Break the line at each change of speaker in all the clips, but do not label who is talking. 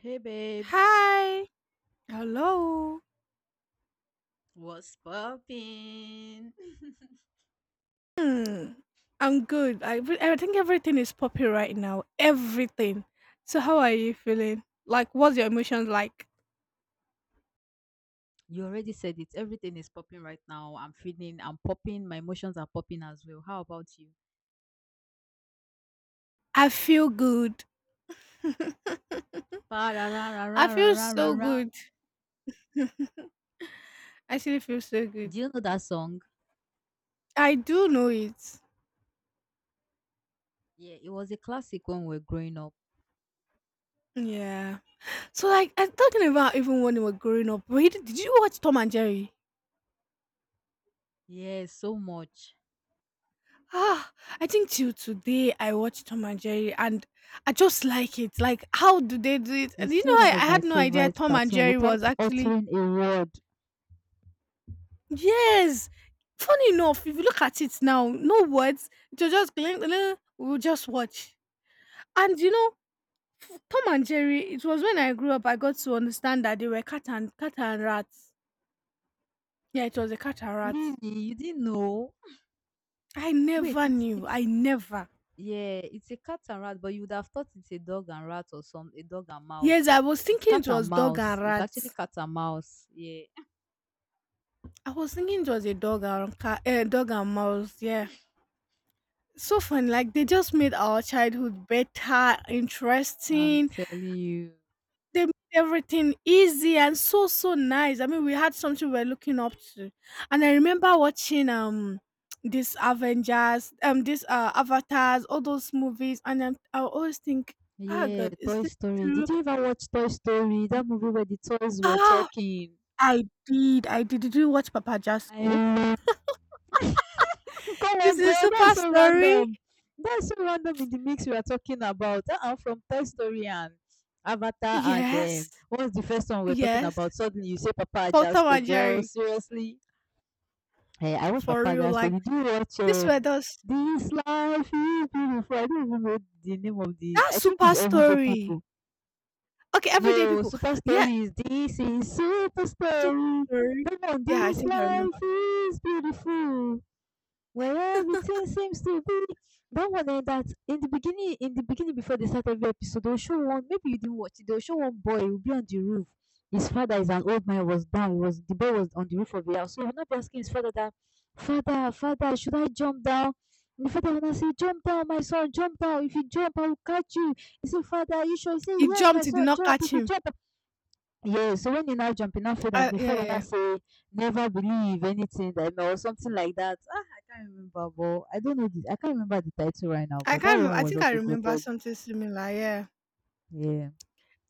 Hey babes,
Hi. Hello.
what's popping?
Hmm. I'm good. I think everything is poppy right now. Everything. So how are you feeling? Like what's your emotions like?
You already said it. Everything is popping right now. I'm popping. My emotions are popping as well. How about you?
I feel good.
Pa ra ra ra ra
I feel
ra ra
so
ra.
good. I actually feel so good.
Do you know that song?
I do know it.
Yeah, it was a classic when we were growing up.
Yeah. So like I'm talking about even when we were growing up. Wait, did you watch Tom and Jerry?
Yeah, so much.
Ah, I think till today I watched Tom and Jerry and I just like it. Like, how do they do it? And
It's still one
I
of my
had no idea
favorite
Tom and
cartoons
Jerry
without
was actually.
uttering a word.
Yes. Funny enough, if you look at it now, no words. It was just glink, glink, we'll just watch. And Tom and Jerry, it was when I grew up, I got to understand that they were cat and rats. Yeah, it was a cat and rat.
Really? You didn't know?
I
Wait,
never
it's
knew. I
it's
never.
Yeah, it's a cat and rat, but you would have thought it's a dog and rat or some a dog and
Yes,
mouse.
I was
It's
thinking
cat
it
and
was dog
mouse.
and
It's actually
rats.
cat and mouse. Yeah,
I was thinking it was a dog and cat, dog and mouse. Yeah, so fun. Like they just made our childhood better,
I'm
interesting.
telling you.
They made everything easy and so so nice. I mean, we had something we were looking up to, and I remember watching this Avengers, this Avatars, all those movies, and then I always think, ah,
Yeah,
God, is
Toy
this
Story.
true?
Did you ever watch Toy Story? That movie where the toys were
Ah,
talking.
I did, I did. Did you watch Papa
I
Jasko?
love. Come
This
on,
is
girl.
super
That's so
story.
random. That's so random in the mix we are talking about. Uh-uh, from Toy Story and Avatar and
Yes.
what's the first one we're talking
Yes.
about? Suddenly you say Papa
Tom
Jasco,
and
girl.
Jerry,
Seriously. Eh, I watched
for real.
Papagas, but
Like
did you watch
this. Were those
This Life is Beautiful? I don't even know the name of the.
that's
I think
super
it's Everyday
story.
People.
Okay, everyday
No,
people.
Super
Yeah,
Stories. This is Super
super
Story.
story.
Don't
Yeah, I
This
think I remember.
Life is Beautiful. Well, everything seems to be that one eh, that in the beginning before they start every episode, they'll show one. Maybe you didn't watch it. They'll show one boy. He'll be on the roof. His father is an old man. Was down. He was The boy was on the roof of the house. So he'll not be asking his father that, father, father, should I jump down? And the father will not say, jump down, my son, jump down. If you jump, I will catch you. He said, father, are you sure? He said,
He
yes, my
jumped, he did
son,
not
jump.
catch
If you
him.
jump, yes, so when you now jump, in now feel that
I
food and the
Yeah, yeah.
father now
Yeah.
say, never believe anything that or something like that. Ah, I can't remember, but I don't know. The, I can't remember the title right now,
I
but
can't
that
remember
one
I
was
think I
also
remember
goated.
something similar, yeah.
Yeah.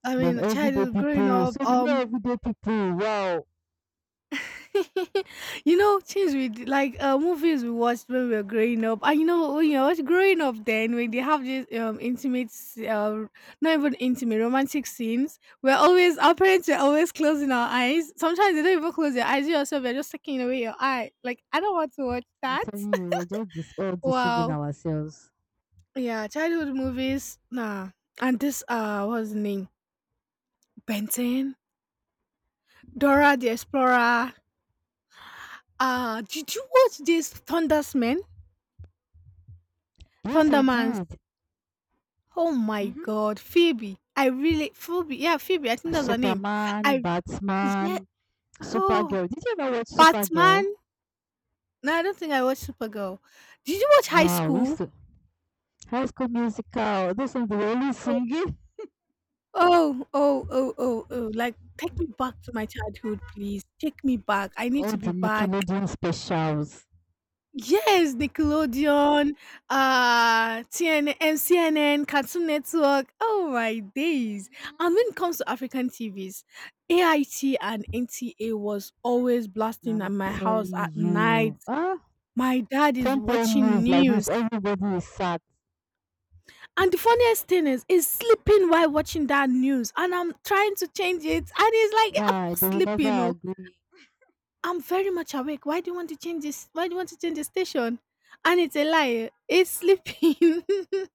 I mean
Then everyday
childhood growing
people.
up,
So we know everyday people. Wow.
things like movies we watched when we were growing up. And when you was growing up, then when they have these intimate, not even intimate, romantic scenes, we're always our parents are always closing our eyes. Sometimes they don't even close their eyes. You yourself, they're just taking away your eye. Like I don't want to watch
I'm
that.
telling you, we're just all deceiving
Wow.
ourselves.
Yeah, childhood movies. Nah. And this what's the name? Benton, Dora the Explorer. Did you watch this Thundersman?
Yes, I
Thunderman,
did.
oh my
Mm-hmm.
god, Phoebe. I really Phoebe. Yeah, Phoebe. I think that's her name.
Superman,
I Yeah.
Batman,
Oh,
Supergirl. Did you ever watch Supergirl?
Batman. No, I don't think I watched Supergirl. Did you watch High
Wow, we used
School?
to High School Musical. Those songs they were always
Oh,
singing.
oh, oh, oh, oh, oh. Like, take me back to my childhood, please. Take me back. I need
All
to be
the
back.
Nickelodeon specials.
Yes, Nickelodeon, TN, Cartoon Network. Oh my days! And when it
Mm,
comes to African TVs, AIT and NTA was always blasting at
I'm
my house
telling
at night.
you. Ah,
My dad is
10 p.m.
watching
news like this,
news.
everybody is sad.
And the funniest thing is, he's sleeping while watching that news, and I'm trying to change it, and he's like, "I'm
Nah,
not
they will never
sleeping, oh,
agree.
I'm very much awake. Why do you want to change this? Why do you want to change the station?" And it's a lie. It's sleeping.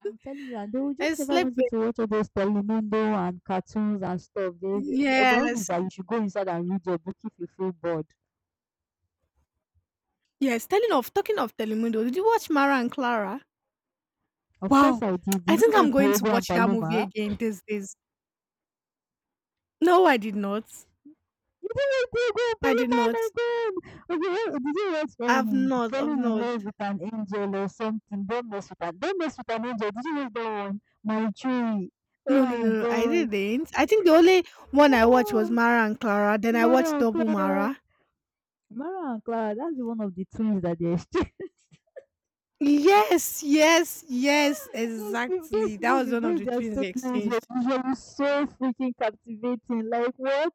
I'm telling you, and they will just
It's
never want you
sleeping.
to watch all those Telemundo and cartoons and stuff. They, the only is
Yes.
that you should go inside and read your book if you feel bored.
Yes. Telling of talking of Telemundo. Did you watch Mara and Clara?
Of course,
Wow.
I did.
I
Did you
think I'm
read
going to
Diego and
watch that movie
Paloma?
again these days. No, I did not.
Oh my
I
God!
did not.
Did you watch
I've not. I've
Falling in
not.
Love with an Angel or something? Don't mess with an angel. Did you watch that one? My tree.
No,
Oh
no,
my
no, no. I
god.
didn't. I think the only one I watched was
Oh,
Mara and Clara. Then I
Mara
watched
and
Double
Clara.
Mara.
Mara and Clara. That's the one of the twins that they exchanged.
Yes, yes, yes,
Those people,
exactly.
those
That was
movies,
one of
those
the
their
twins they
storylines were
exchanged.
usually so freaking captivating. Like what?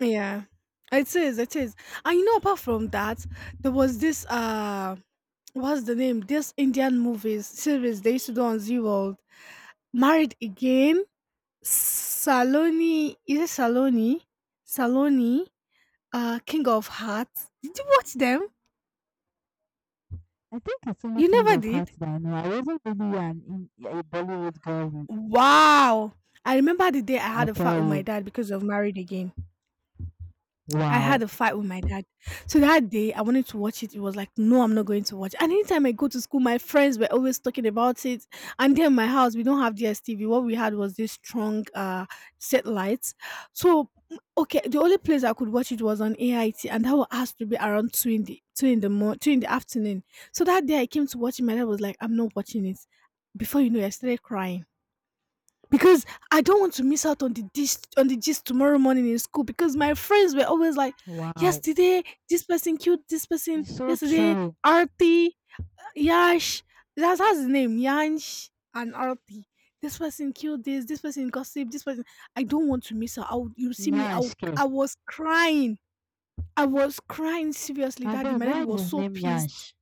Yeah. It is, it is. And apart from that, there was this what's the name? This Indian movies series they used to do on Z World. Married Again, Saloni, is it Saloni? Saloni, King of Hearts. Did you watch them?
I think it's only
You
King
never
of
did?
Hearts that I know. I wasn't really a Bollywood girl.
Wow. I remember the day I
I
had a fight
tell
with my
you.
dad because of Married Again. I had
Wow.
a fight with my dad. So that day, I wanted to watch it. It was like, no, I'm not going to watch. And anytime I go to school, my friends were always talking about it. And then my house, we don't have DSTV. What we had was this strong set lights. So okay, the only place I could watch it was on AIT, and that was has to be around two in the morning, two in the afternoon. So that day, I came to watch it. My dad was like, I'm not watching it. Before you know it, I started crying. Because I don't want to miss out on the gist tomorrow morning in school because my friends were always like,
Wow,
yesterday, this person killed this person,
it's so
yesterday,
true.
Arti, Yash, that's his name, Yash and Arti. This person killed this person gossip, this person. I don't want to miss out. I would, you see me,
Nyanshke.
I was crying. I was crying seriously,
I
daddy.
bet
My daddy
why is
was
his
so
name
pissed.
Nyansh?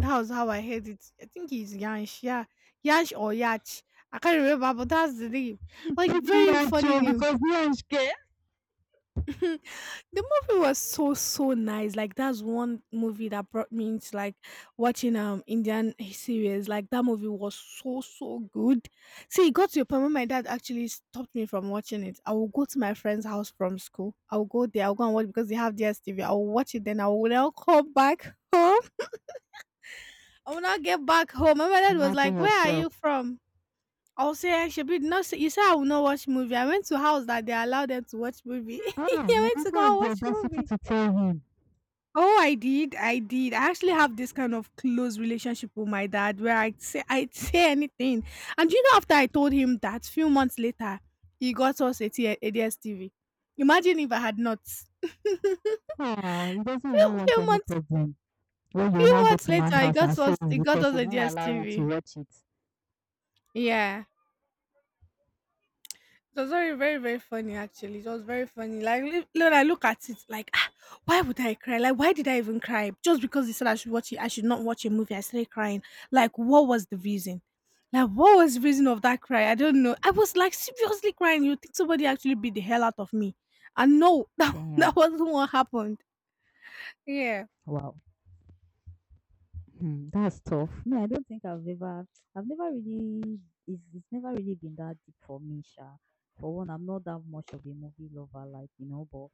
That was how I heard it. I think it's Yansh, yeah. Yansh or Yach. I can't remember, but that's the name. Like
Maybe
very funny
Nyancho
name.
because Nyanshke.
The movie was so so nice. Like that's one movie that brought me into like watching Indian series. Like that movie was so so good. See, it got to a point when my dad actually stopped me from watching it. I will go to my friend's house from school. I will go there. I'll go and watch because they have DSTV. I will watch it. Then I will now come back home. When I get back home, my mother was
Imagine
like, "Where are
yourself.
you from?" I'll say, "She Shebi, not say, you say I will not watch movie. I went to house that they allow them to watch movie."
Ah,
I
you
went
even
to go and
have the
watch
audacity
movie.
to tell him.
Oh, I did. I did. I actually have this kind of close relationship with my dad where I'd say I'd say anything. And after I told him that, few months later, he got us a DSTV. Imagine if I had not. few,
Oh, he doesn't even want
few
any
months
problem. Well, you
few
now go
months
to man's
later, he
house and
got
say
us
it's because he
a D
didn't
S
allow
T
you to
V.
watch it.
Yeah. It was very, very, very funny actually. It was very funny. Like when I look at it, like ah, why would I cry? Like why did I even cry? Just because he said I should watch it, I should not watch a movie. I started crying. Like what was the reason? Like what was the reason of that cry? I don't know. I was like seriously crying. You think somebody actually beat the hell out of me? And no, that
Damn.
wasn't what happened. Yeah.
Wow. Hmm, that's tough. Me, I don't think I've ever, I've never really, it's never really been that deep for me, Sha. For one, I'm not that much of a movie lover, like, you know, but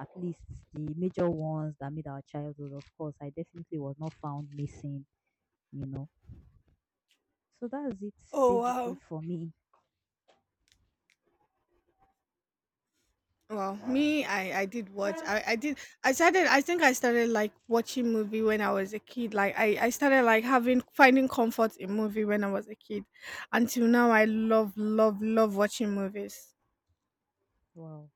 at least the major ones that made our childhood, of course, I definitely was not found missing, you know. So that's it
Oh
basically
wow.
for me.
Well, me, I did watch. I did. I started. I think I started like watching movie when I was a kid. Like I started like having finding comfort in movie when I was a kid. Until now, I love love love watching movies.
Wow.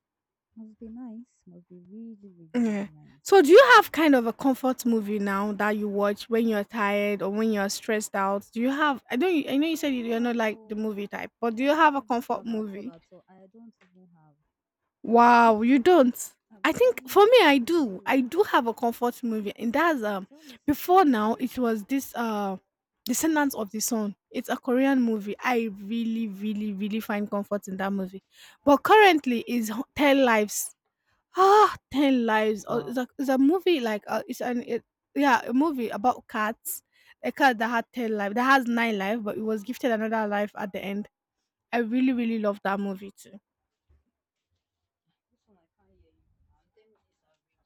Must be nice. Must be really, really, really
Yeah.
nice.
So, do you have kind of a comfort movie now that you watch when you're tired or when you're stressed out? Do you have? I don't. I know
Yeah,
you said
I
you're
don't
not
have,
like the
oh,
movie type, but do
I
you
don't
have a
even
comfort
have at all,
movie?
at all. I don't even have.
Wow, you don't?
I'm
I think
telling
for
you,
me
I,
I do.
zero.
I do have a comfort movie and that's
Tell me, tell
before
me
now
some of
it
yours.
was this Descendants of the Sun. It's a Korean movie. I really, really, really find comfort in that movie. But currently is Ten Lives. Ah, Ten Lives. Oh,
Wow.
it's a movie like it's an it, yeah a movie about cats. A cat that had 10 lives, that has nine lives, but it was gifted another life at the end. I really, really love that movie too.
This one I can't hear you. And 10 minutes I